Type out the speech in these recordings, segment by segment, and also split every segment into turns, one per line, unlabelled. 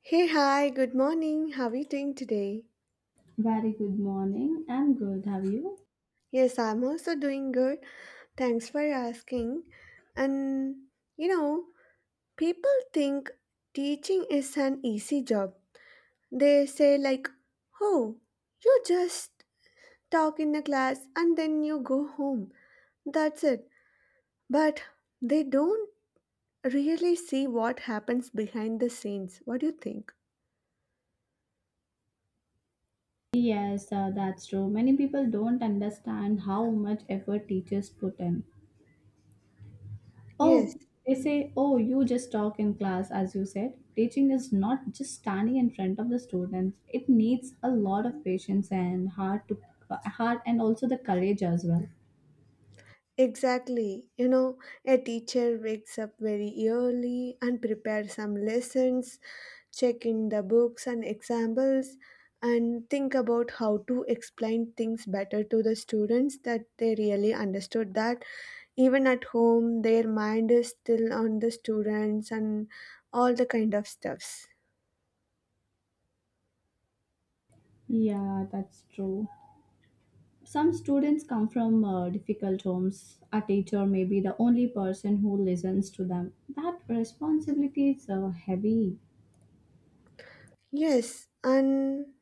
Hey, hi, good morning. How are you doing today?
Very good morning. I'm good. Have you?
Yes, I'm also doing good. Thanks for asking. And you know, people think teaching is an easy job. They say, like, oh, you just talk in a class and then you go home. That's it. But they don't really see what happens behind the scenes. What do you think?
Yes, that's true. Many people don't understand how much effort teachers put in.
Yes.
Oh, they say, oh, you just talk in class, as you said. Teaching is not just standing in front of the students. It needs a lot of patience and heart to and also the courage as well.
Exactly. A teacher wakes up very early and prepares some lessons, check in the books and examples, and think about how to explain things better to the students that they really understood that even at home their mind is still on the students and all the kind of stuffs.
Yeah, that's true. Some students come from difficult homes. A teacher may be the only person who listens to them. That responsibility is heavy.
Yes, and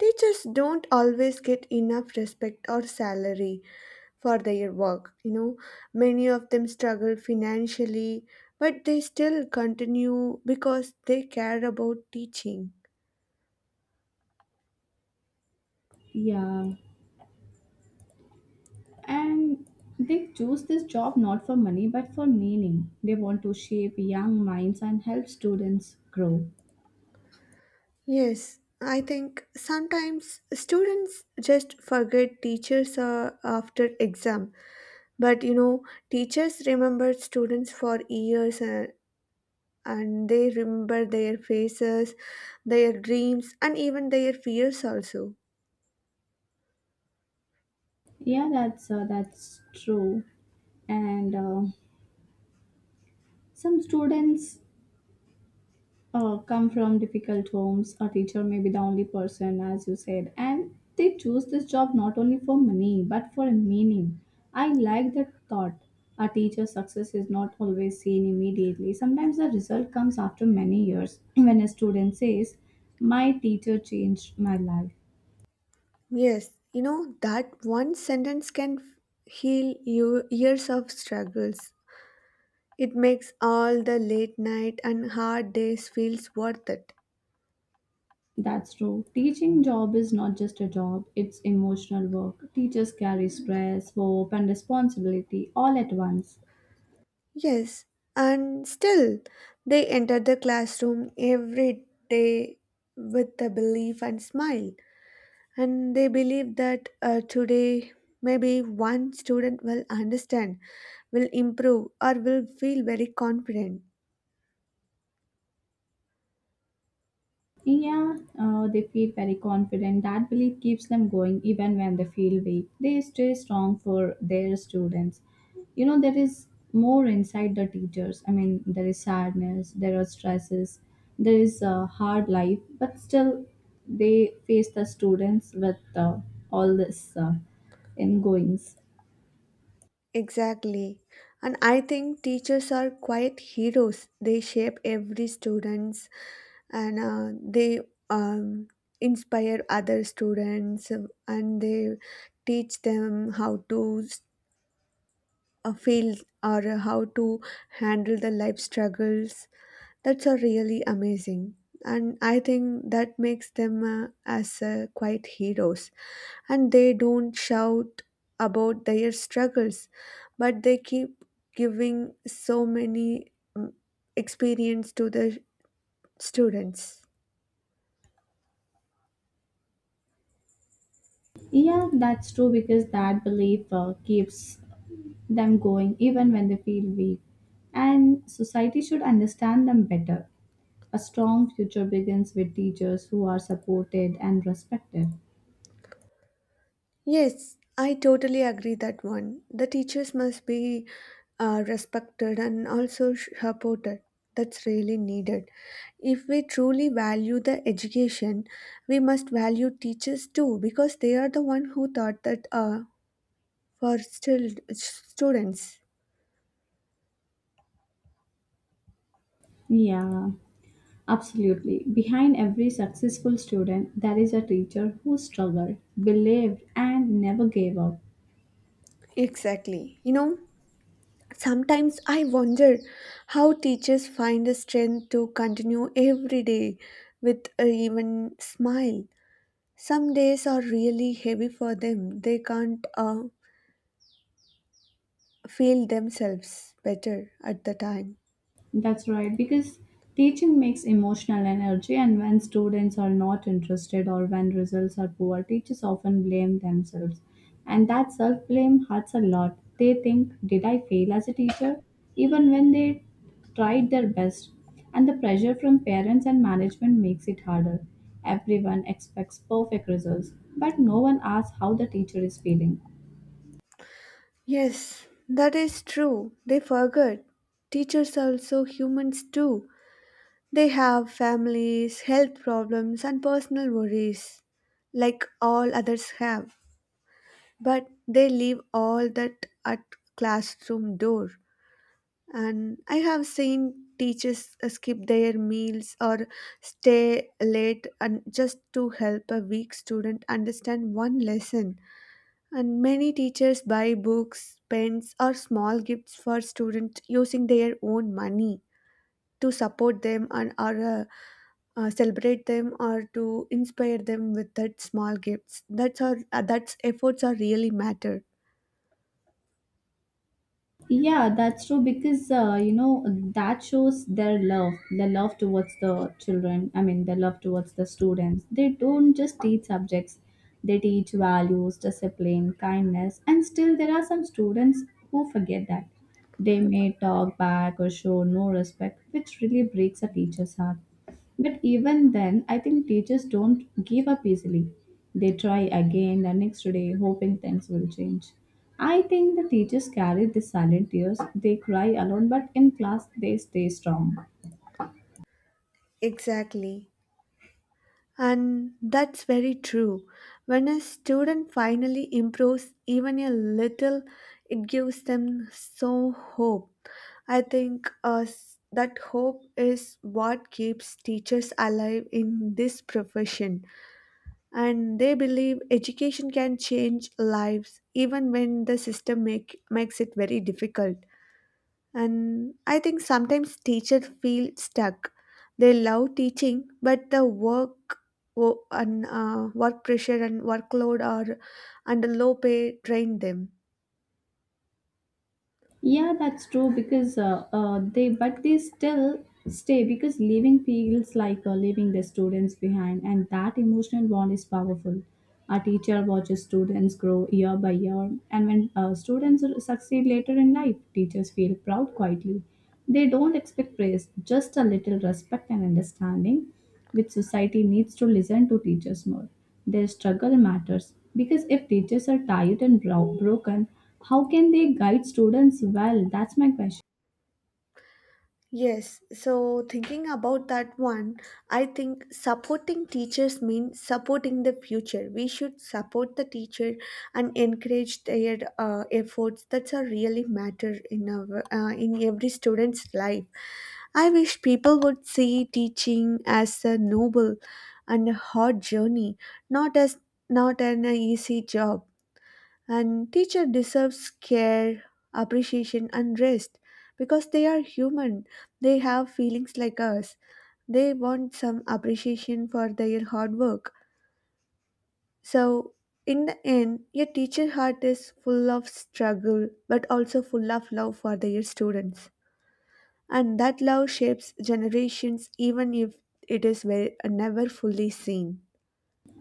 teachers don't always get enough respect or salary for their work, many of them struggle financially, but they still continue because they care about teaching.
Yeah. And they choose this job not for money but for meaning. They want to shape young minds and help students grow.
Yes, I think sometimes students just forget teachers after exam. But, teachers remember students for years, and they remember their faces, their dreams, and even their fears also.
Yeah, that's true. And some students come from difficult homes. A teacher may be the only person, as you said, and they choose this job not only for money but for meaning. I like that thought. A teacher's success is not always seen immediately. Sometimes the result comes after many years when a student says, "My teacher changed my life."
Yes, that one sentence can heal you years of struggles. It makes all the late night and hard days feels worth it.
That's true. Teaching job is not just a job, it's emotional work. Teachers carry stress, hope, and responsibility all at once.
Yes, and still they enter the classroom every day with a belief and smile. And they believe that today maybe one student will understand, will improve, or will feel very confident.
Yeah, they feel very confident. That belief keeps them going even when they feel weak. They stay strong for their students. You know, there is more inside the teachers. I mean, there is sadness, there are stresses, there is a hard life, but still they face the students with all this ingoings.
Exactly. And I think teachers are quite heroes. They shape every students, and they um, inspire other students, and they teach them how to feel or how to handle the life struggles. That's a really amazing. And I think that makes them, as quite heroes, and they don't shout about their struggles, but they keep giving so many mm, experience to the students.
Yeah, that's true because that belief keeps them going even when they feel weak. And society should understand them better. A strong future begins with teachers who are supported and respected.
Yes, I totally agree that one. The teachers must be respected and also supported. That's really needed. If we truly value the education, we must value teachers too, because they are the one who taught that for still students.
Yeah, absolutely. Behind every successful student, there is a teacher who struggled, believed, and never gave up.
Exactly. Sometimes I wonder how teachers find the strength to continue every day with a even smile. Some days are really heavy for them. They can't feel themselves better at the time.
That's right, because teaching makes emotional energy, and when students are not interested or when results are poor, teachers often blame themselves. And that self blame hurts a lot. They think, "Did I fail as a teacher?" even when they tried their best. And the pressure from parents and management makes it harder. Everyone expects perfect results, but no one asks how the teacher is feeling.
Yes, that is true. They forgot. Teachers are also humans too. They have families, health problems, and personal worries like all others have. But they leave all that at classroom door. And I have seen teachers skip their meals or stay late and just to help a weak student understand one lesson. And many teachers buy books, pens, or small gifts for students using their own money to support them, and or celebrate them or to inspire them with that small gifts. That's efforts are really matter.
Yeah, that's true because you know that shows their love, the love towards the children. I mean, the love towards the students. They don't just teach subjects; they teach values, discipline, kindness, and still there are some students who forget that. They may talk back or show no respect, which really breaks a teacher's heart. But even then, I think teachers don't give up easily. They try again the next day, hoping things will change. I think the teachers carry the silent tears. They cry alone, but in class, they stay strong.
Exactly. And that's very true. When a student finally improves even a little, it gives them so hope. I think, that hope is what keeps teachers alive in this profession. And they believe education can change lives even when the system makes it very difficult. And I think sometimes teachers feel stuck. They love teaching, but the work pressure and workload are under low pay drain them.
Yeah, that's true because they still stay because leaving feels like leaving the students behind, and that emotional bond is powerful. A teacher watches students grow year by year, and when students succeed later in life, teachers feel proud quietly. They don't expect praise, just a little respect and understanding, which society needs to listen to teachers more. Their struggle matters because if teachers are tired and broken, how can they guide students well? That's my question.
Yes, so thinking about that one, I think supporting teachers means supporting the future. We should support the teacher and encourage their efforts. That's a really matter in in every student's life. I wish people would see teaching as a noble and a hard journey, not as not an easy job. And teacher deserves care, appreciation, and rest, because they are human. They have feelings like us. They want some appreciation for their hard work. So in the end, your teacher heart is full of struggle but also full of love for their students. And that love shapes generations, even if it is never fully seen.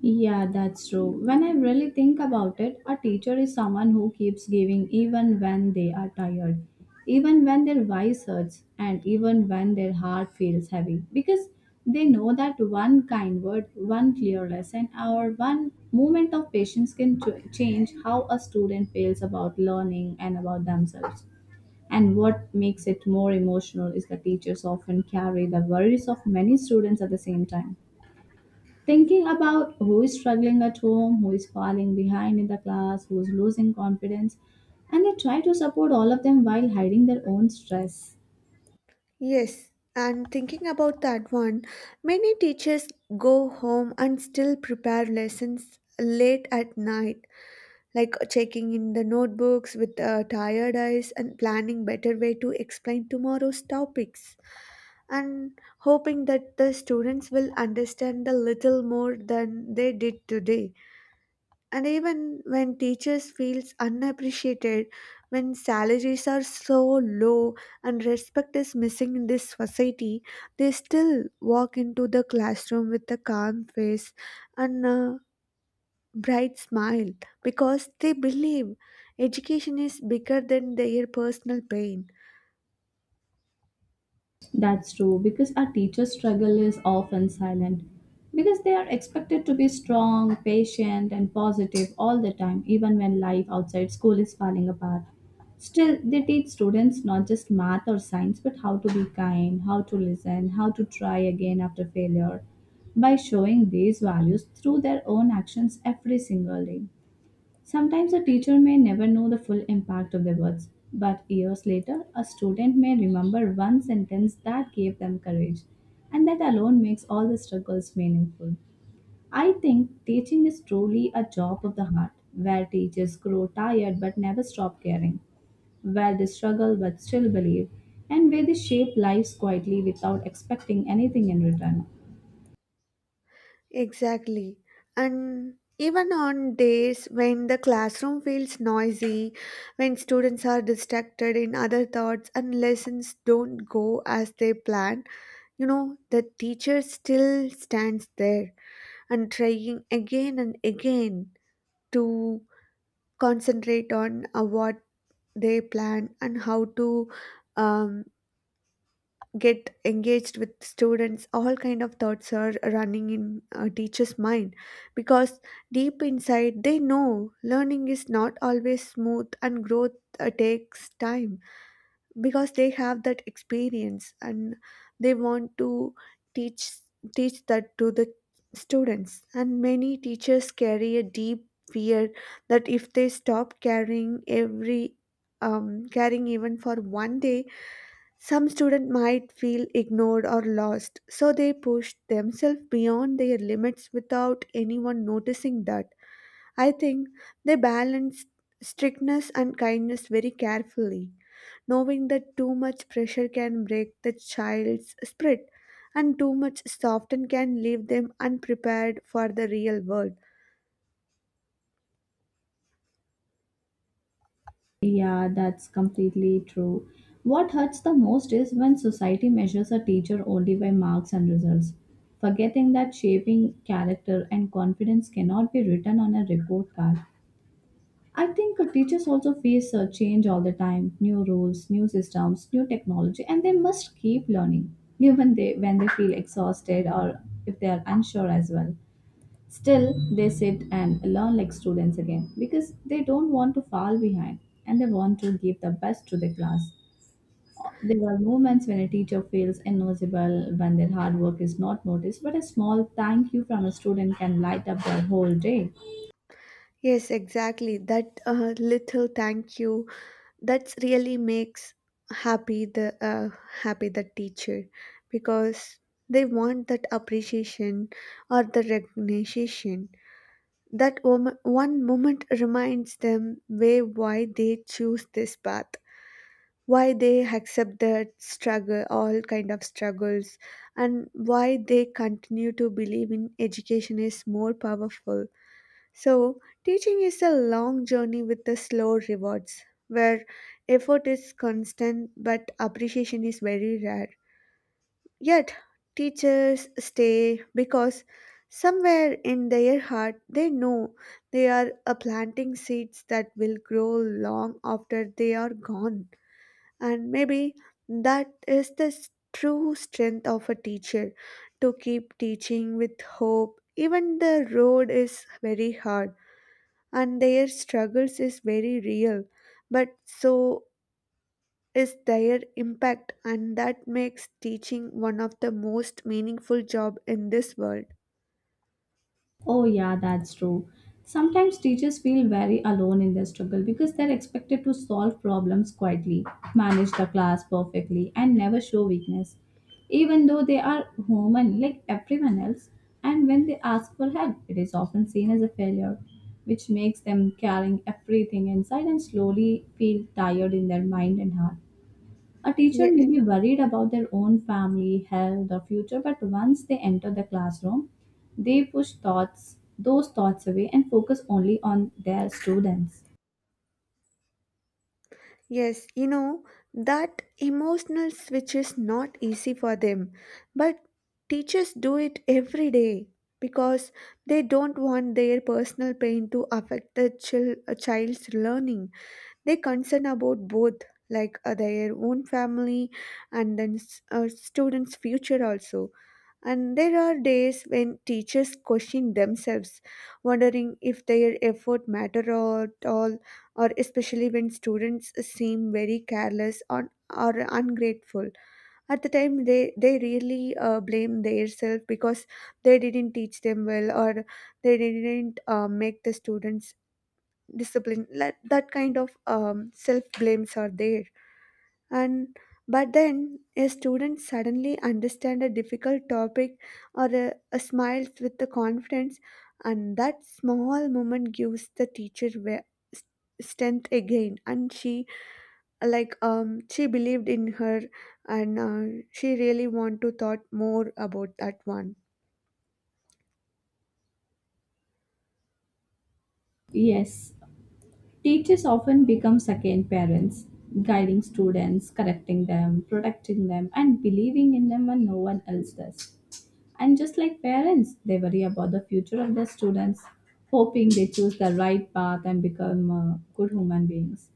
Yeah, that's true. When I really think about it, a teacher is someone who keeps giving even when they are tired, even when their voice hurts, and even when their heart feels heavy. Because they know that one kind word, one clear lesson, or one moment of patience can change how a student feels about learning and about themselves. And what makes it more emotional is that teachers often carry the worries of many students at the same time. Thinking about who is struggling at home, who is falling behind in the class, who is losing confidence, and they try to support all of them while hiding their own stress.
Yes, and thinking about that one, many teachers go home and still prepare lessons late at night, like checking in the notebooks with tired eyes and planning better way to explain tomorrow's topics and hoping that the students will understand a little more than they did today. And even when teachers feels unappreciated, when salaries are so low and respect is missing in this society, they still walk into the classroom with a calm face and a bright smile, because they believe education is bigger than their personal pain.
That's true, because our teachers' struggle is often silent. Because they are expected to be strong, patient, and positive all the time, even when life outside school is falling apart. Still, they teach students not just math or science, but how to be kind, how to listen, how to try again after failure, by showing these values through their own actions every single day. Sometimes a teacher may never know the full impact of their words, but years later, a student may remember one sentence that gave them courage, and that alone makes all the struggles meaningful. I think teaching is truly a job of the heart, where teachers grow tired but never stop caring, where they struggle but still believe, and where they shape lives quietly without expecting anything in return.
Exactly. And even on days when the classroom feels noisy, when students are distracted in other thoughts and lessons don't go as they plan, the teacher still stands there and trying again and again to concentrate on what they plan and how to um, get engaged with students. All kind of thoughts are running in a teacher's mind, because deep inside they know learning is not always smooth, and growth takes time. Because they have that experience, and they want to teach teach that to the students. And many teachers carry a deep fear that if they stop caring every caring even for one day, some students might feel ignored or lost, so they push themselves beyond their limits without anyone noticing that. I think they balance strictness and kindness very carefully, knowing that too much pressure can break the child's spirit, and too much soften can leave them unprepared for the real world.
Yeah, that's completely true. What hurts the most is when society measures a teacher only by marks and results, forgetting that shaping character and confidence cannot be written on a report card. I think teachers also face a change all the time, new rules, new systems, new technology, and they must keep learning, even they when they feel exhausted or if they are unsure as well. Still, they sit and learn like students again because they don't want to fall behind and they want to give the best to the class. There are moments when a teacher feels invisible, when their hard work is not noticed, but a small thank you from a student can light up their whole day.
Yes, exactly. That little thank you, that's really makes happy the uh, happy the teacher, because they want that appreciation or the recognition. That one moment reminds them way why they choose this path, why they accept that struggle, all kind of struggles, and why they continue to believe in education is more powerful. So, teaching is a long journey with the slow rewards, where effort is constant but appreciation is very rare. Yet, teachers stay because somewhere in their heart they know they are planting seeds that will grow long after they are gone. And maybe that is the true strength of a teacher, to keep teaching with hope, even the road is very hard and their struggles is very real, but so is their impact. And that makes teaching one of the most meaningful job in this world.
Oh, yeah, that's true. Sometimes teachers feel very alone in their struggle because they're expected to solve problems quietly, manage the class perfectly, and never show weakness, even though they are human like everyone else. And when they ask for help, it is often seen as a failure, which makes them carrying everything inside and slowly feel tired in their mind and heart. A teacher may
yes
be worried about their own family, health, or future, but once they enter the classroom, they push those thoughts away and focus only on their students.
yes, that emotional switch is not easy for them, but teachers do it every day, because they don't want their personal pain to affect the a child's learning. They concern about both, like their own family and then students future also. And there are days when teachers question themselves, wondering if their effort matter at all, or especially when students seem very careless or ungrateful. At the time, they really blame themselves because they didn't teach them well, or they didn't make the students discipline, like that kind of self blames are there. And but then a student suddenly understand a difficult topic, or a smiles with the confidence, and that small moment gives the teacher s- strength again. And she, like she believed in her, and she really want to thought more about that one.
Yes, teachers often become second parents, guiding students, correcting them, protecting them, and believing in them when no one else does. And just like parents, they worry about the future of their students, hoping they choose the right path and become good human beings.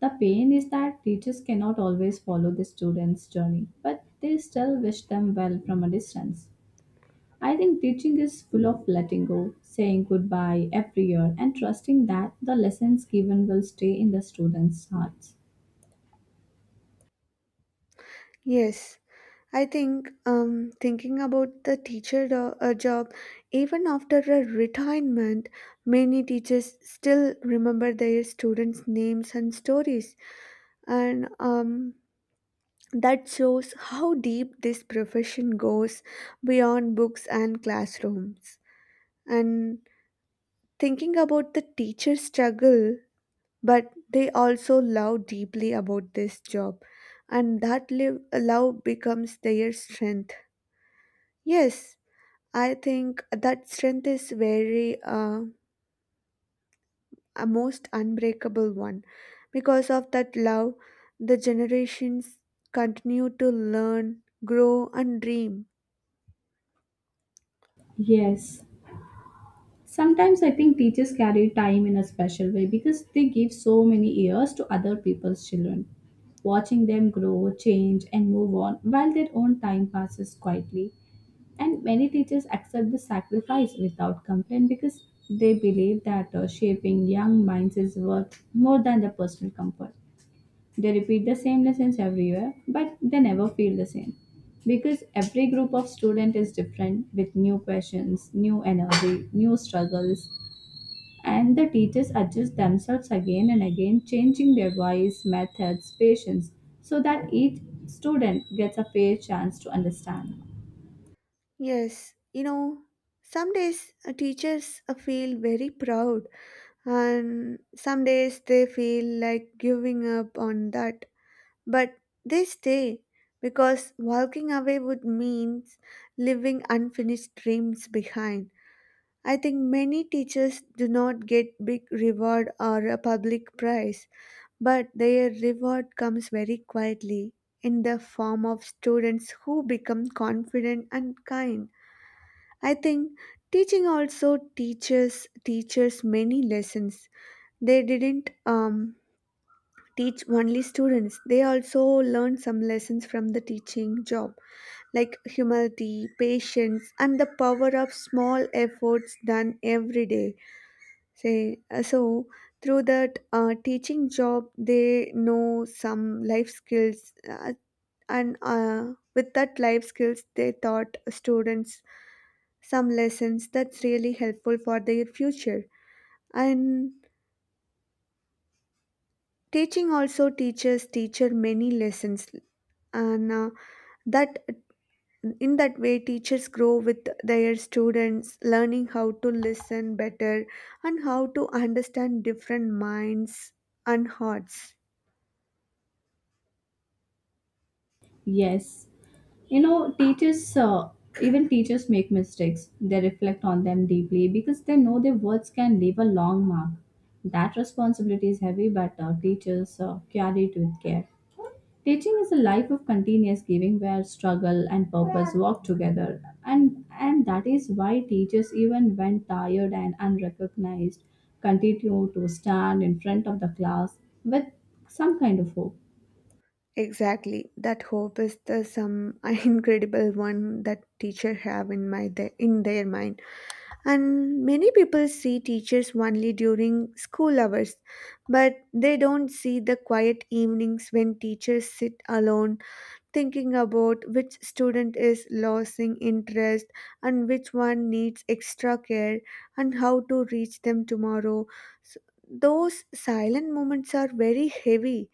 The pain is that teachers cannot always follow the students' journey, but they still wish them well from a distance. I think teaching is full of letting go, saying goodbye every year, and trusting that the lessons given will stay in the students' hearts.
Yes, I think, thinking about the teacher job, even after a retirement, many teachers still remember their students' names and stories, and that shows how deep this profession goes beyond books and classrooms. And thinking about the teachers' struggle, but they also love deeply about this job, and that love becomes their strength. Yes, I think that strength is very, a most unbreakable one. Because of that love, the generations continue to learn, grow, and dream.
Yes, sometimes I think teachers carry time in a special way because they give so many years to other people's children. Watching them grow, change, and move on while their own time passes quietly. And many teachers accept the sacrifice without complaint because they believe that shaping young minds is worth more than the personal comfort. They repeat the same lessons everywhere, but they never feel the same. Because every group of student is different with new questions, new energy, new struggles, and the teachers adjust themselves again and again, changing their voice, methods, patience, so that each student gets a fair chance to understand.
Yes, some days teachers feel very proud, and some days they feel like giving up on that. But they stay because walking away would mean leaving unfinished dreams behind. I think many teachers do not get big reward or a public prize, but their reward comes very quietly in the form of students who become confident and kind. I think teaching also teaches teachers many lessons. They didn't teach only students. They also learn some lessons from the teaching job, like humility, patience, and the power of small efforts done every day. Say So through that teaching job, they know some life skills, and with that life skills they taught students some lessons that's really helpful for their future. And teaching also teaches teacher many lessons, and that, in that way, teachers grow with their students, learning how to listen better and how to understand different minds and hearts.
Yes, you know, teachers even teachers make mistakes. They reflect on them deeply because they know their words can leave a long mark. That responsibility is heavy, but teachers carry it with care. Teaching is a life of continuous giving where struggle and purpose work together, and that is why teachers, even when tired and unrecognized, continue to stand in front of the class with some kind of hope.
Exactly. That hope is the some incredible one that teacher have in their mind. And many people see teachers only during school hours, but they don't see the quiet evenings when teachers sit alone, thinking about which student is losing interest and which one needs extra care and how to reach them tomorrow. So those silent moments are very heavy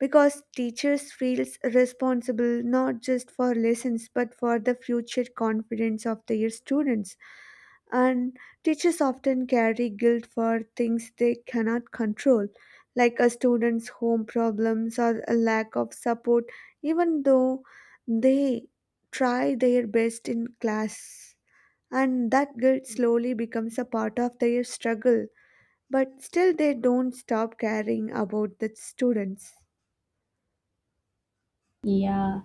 because teachers feels responsible not just for lessons but for the future confidence of their students, and teachers often carry guilt for things they cannot control like a student's home problems or a lack of support, even though they try their best in class, and that guilt slowly becomes a part of their struggle, but still they don't stop caring about the students.
Yeah.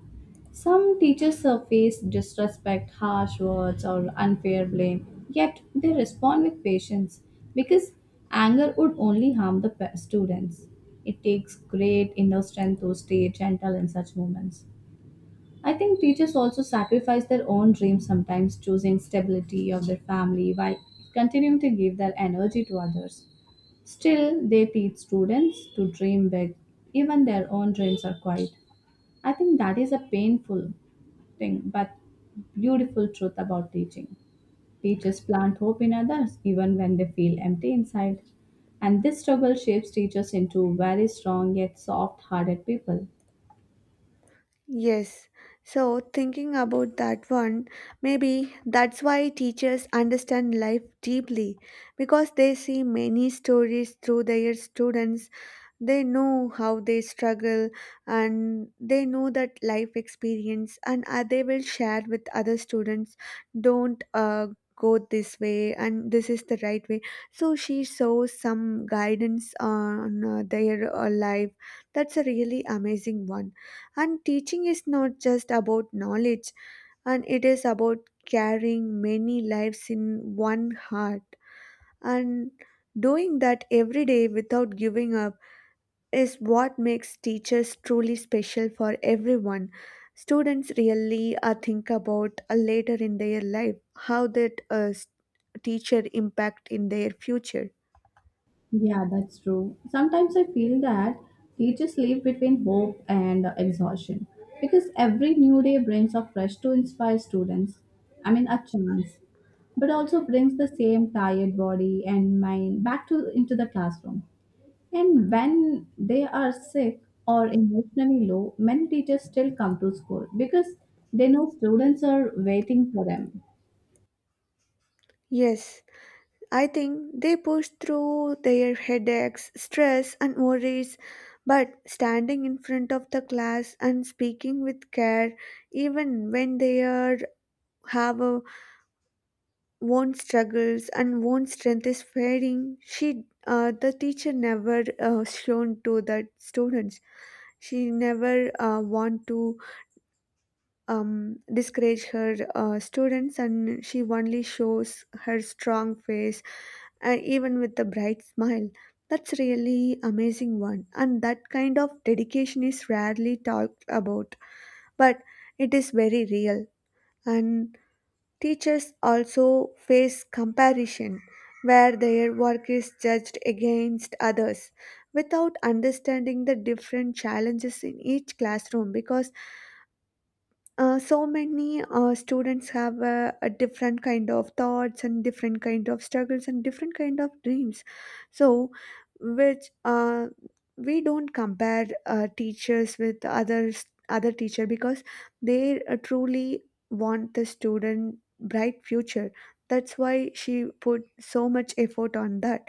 Some teachers face disrespect, harsh words, or unfair blame, yet they respond with patience because anger would only harm the students. It takes great inner strength to stay gentle in such moments. I think teachers also sacrifice their own dreams sometimes, choosing stability of their family while continuing to give their energy to others. Still, they teach students to dream big, even their own dreams are quiet. I think that is a painful thing, but beautiful truth about teaching. Teachers plant hope in others even when they feel empty inside. And this struggle shapes teachers into very strong yet soft hearted people.
Yes. So, thinking about that one, maybe that's why teachers understand life deeply because they see many stories through their students'. They know how they struggle, and they know that life experience, and they will share with other students, don't go this way, and this is the right way. So she shows some guidance on their life. That's a really amazing one. And teaching is not just about knowledge, and it is about carrying many lives in one heart and doing that every day without giving up is what makes teachers truly special for everyone. Students really think about later in their life how that teacher impact in their future.
Yeah, that's true. Sometimes I feel that teachers live between hope and exhaustion because every new day brings a fresh to inspire students. I mean, a chance, but also brings the same tired body and mind back to into the classroom. And when they are sick or emotionally low, many teachers still come to school because they know students are waiting for them.
Yes, I think they push through their headaches, stress, and worries, but standing in front of the class and speaking with care, even when they are have a own struggles and own strength is fading, she the teacher never shown to the students. She never want to discourage her students, and she only shows her strong face and even with a bright smile. That's really amazing one, and that kind of dedication is rarely talked about, but it is very real. And teachers also face comparison, where their work is judged against others without understanding the different challenges in each classroom, because so many students have a different kind of thoughts and different kind of struggles and different kind of dreams. So which we don't compare teachers with others other teacher, because they truly want the student bright future. That's why she put so much effort on that,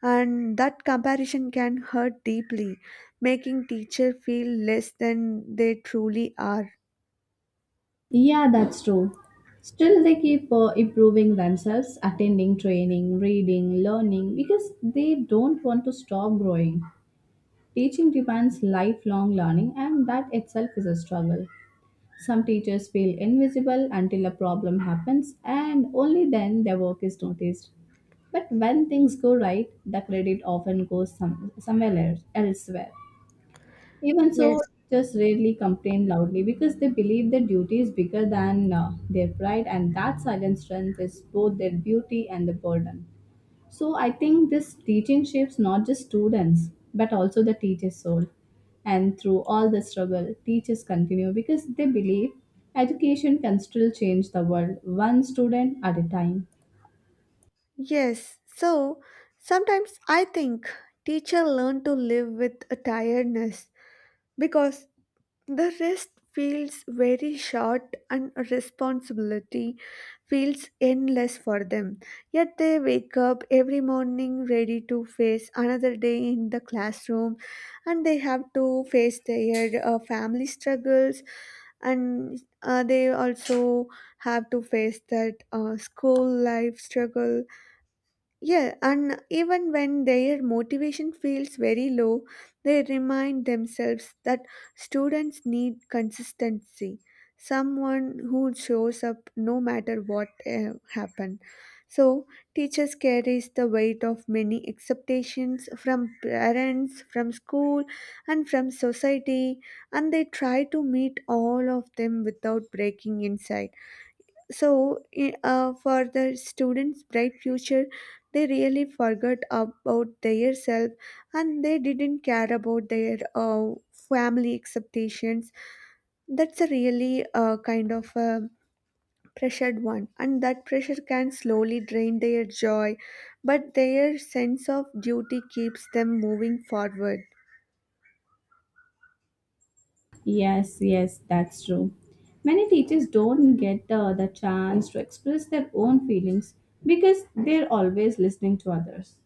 and that comparison can hurt deeply, making teacher feel less than they truly are.
Yeah, that's true. Still, they keep improving themselves, attending training, reading, learning because they don't want to stop growing. Teaching demands lifelong learning, and that itself is a struggle. Some teachers feel invisible until a problem happens and only then their work is noticed. But when things go right, the credit often goes somewhere elsewhere. Even so,
Yes.
teachers rarely complain loudly because they believe their duty is bigger than their pride, and that silent strength is both their beauty and the burden. So I think this teaching shapes not just students but also the teacher's soul. And through all the struggle, teachers continue because they believe education can still change the world one student at a time.
Yes, so sometimes I think teacher learn to live with a tiredness because the rest feels very short and responsibility feels endless for them. Yet they wake up every morning ready to face another day in the classroom, and they have to face their family struggles, and they also have to face that school life struggle. Yeah, and even when their motivation feels very low, they remind themselves that students need consistency, someone who shows up no matter what happened. So, teachers carries the weight of many expectations from parents, from school, and from society, and they try to meet all of them without breaking inside. So for the students bright future, they really forgot about their self, and they didn't care about their family expectations. That's a really kind of a pressured one, and that pressure can slowly drain their joy, but their sense of duty keeps them moving forward.
Yes, yes, that's true. Many teachers don't get the chance to express their own feelings because they're always listening to others.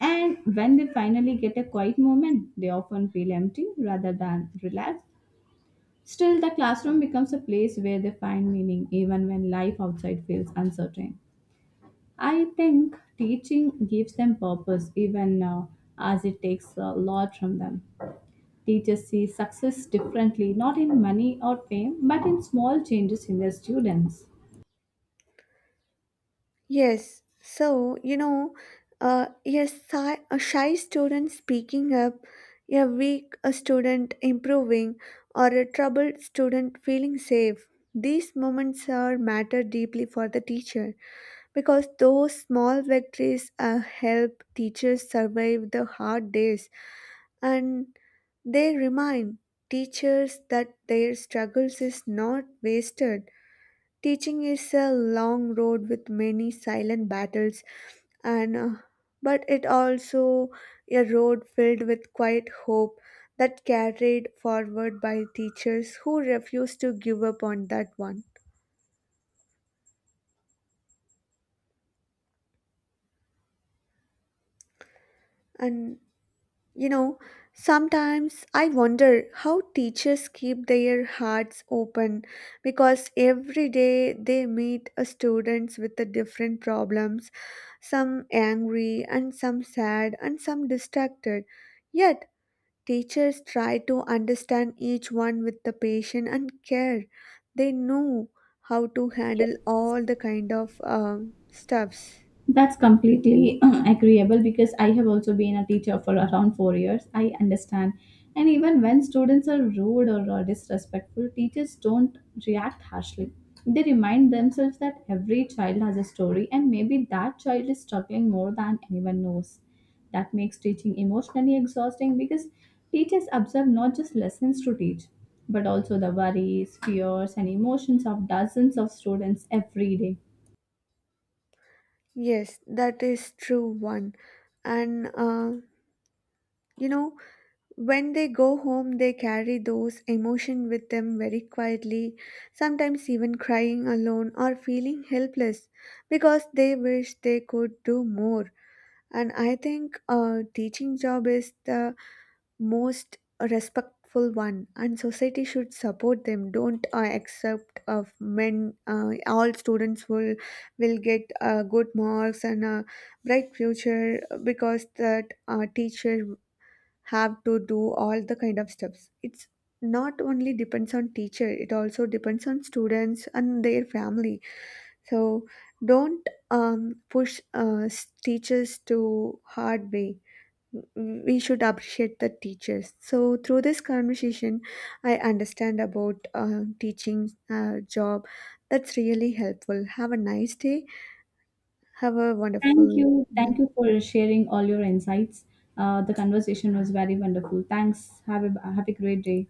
And when they finally get a quiet moment, they often feel empty rather than relaxed. Still, the classroom becomes a place where they find meaning even when life outside feels uncertain. I think teaching gives them purpose even now, as it takes a lot from them. Teachers see success differently, not in money or fame, but in small changes in their students.
Yes, so you know, a shy student speaking up, a student improving, or a troubled student feeling safe. These moments are matter deeply for the teacher because those small victories help teachers survive the hard days, and they remind teachers that their struggles is not wasted. Teaching is a long road with many silent battles, and but it also a road filled with quiet hope that carried forward by teachers who refuse to give up on that one. And you know, sometimes I wonder how teachers keep their hearts open because every day they meet a students with the different problems, some angry and some sad and some distracted. Yet, teachers try to understand each one with the patience and care. They know how to handle all the kind of stuffs.
That's completely agreeable because I have also been a teacher for around 4 years. I understand. And even when students are rude or disrespectful, teachers don't react harshly. They remind themselves that every child has a story and maybe that child is struggling more than anyone knows. That makes teaching emotionally exhausting because teachers observe not just lessons to teach, but also the worries, fears, and emotions of dozens of students every day.
Yes, that is true one. And you know, when they go home, they carry those emotions with them very quietly, sometimes even crying alone or feeling helpless because they wish they could do more. And I think a teaching job is the most respectful one, and society should support them. Don't accept of men. All students will get good marks and a bright future, because that teacher have to do all the kind of steps. It's not only depends on teacher, it also depends on students and their family. So don't push teachers to hard way. We should appreciate the teachers. So through this conversation I understand about teaching job. That's really helpful. Have a nice day. Have a
Thank
wonderful.
you. Thank
Yeah.
you for sharing all your insights. The conversation was very wonderful. Thanks. Have a great day.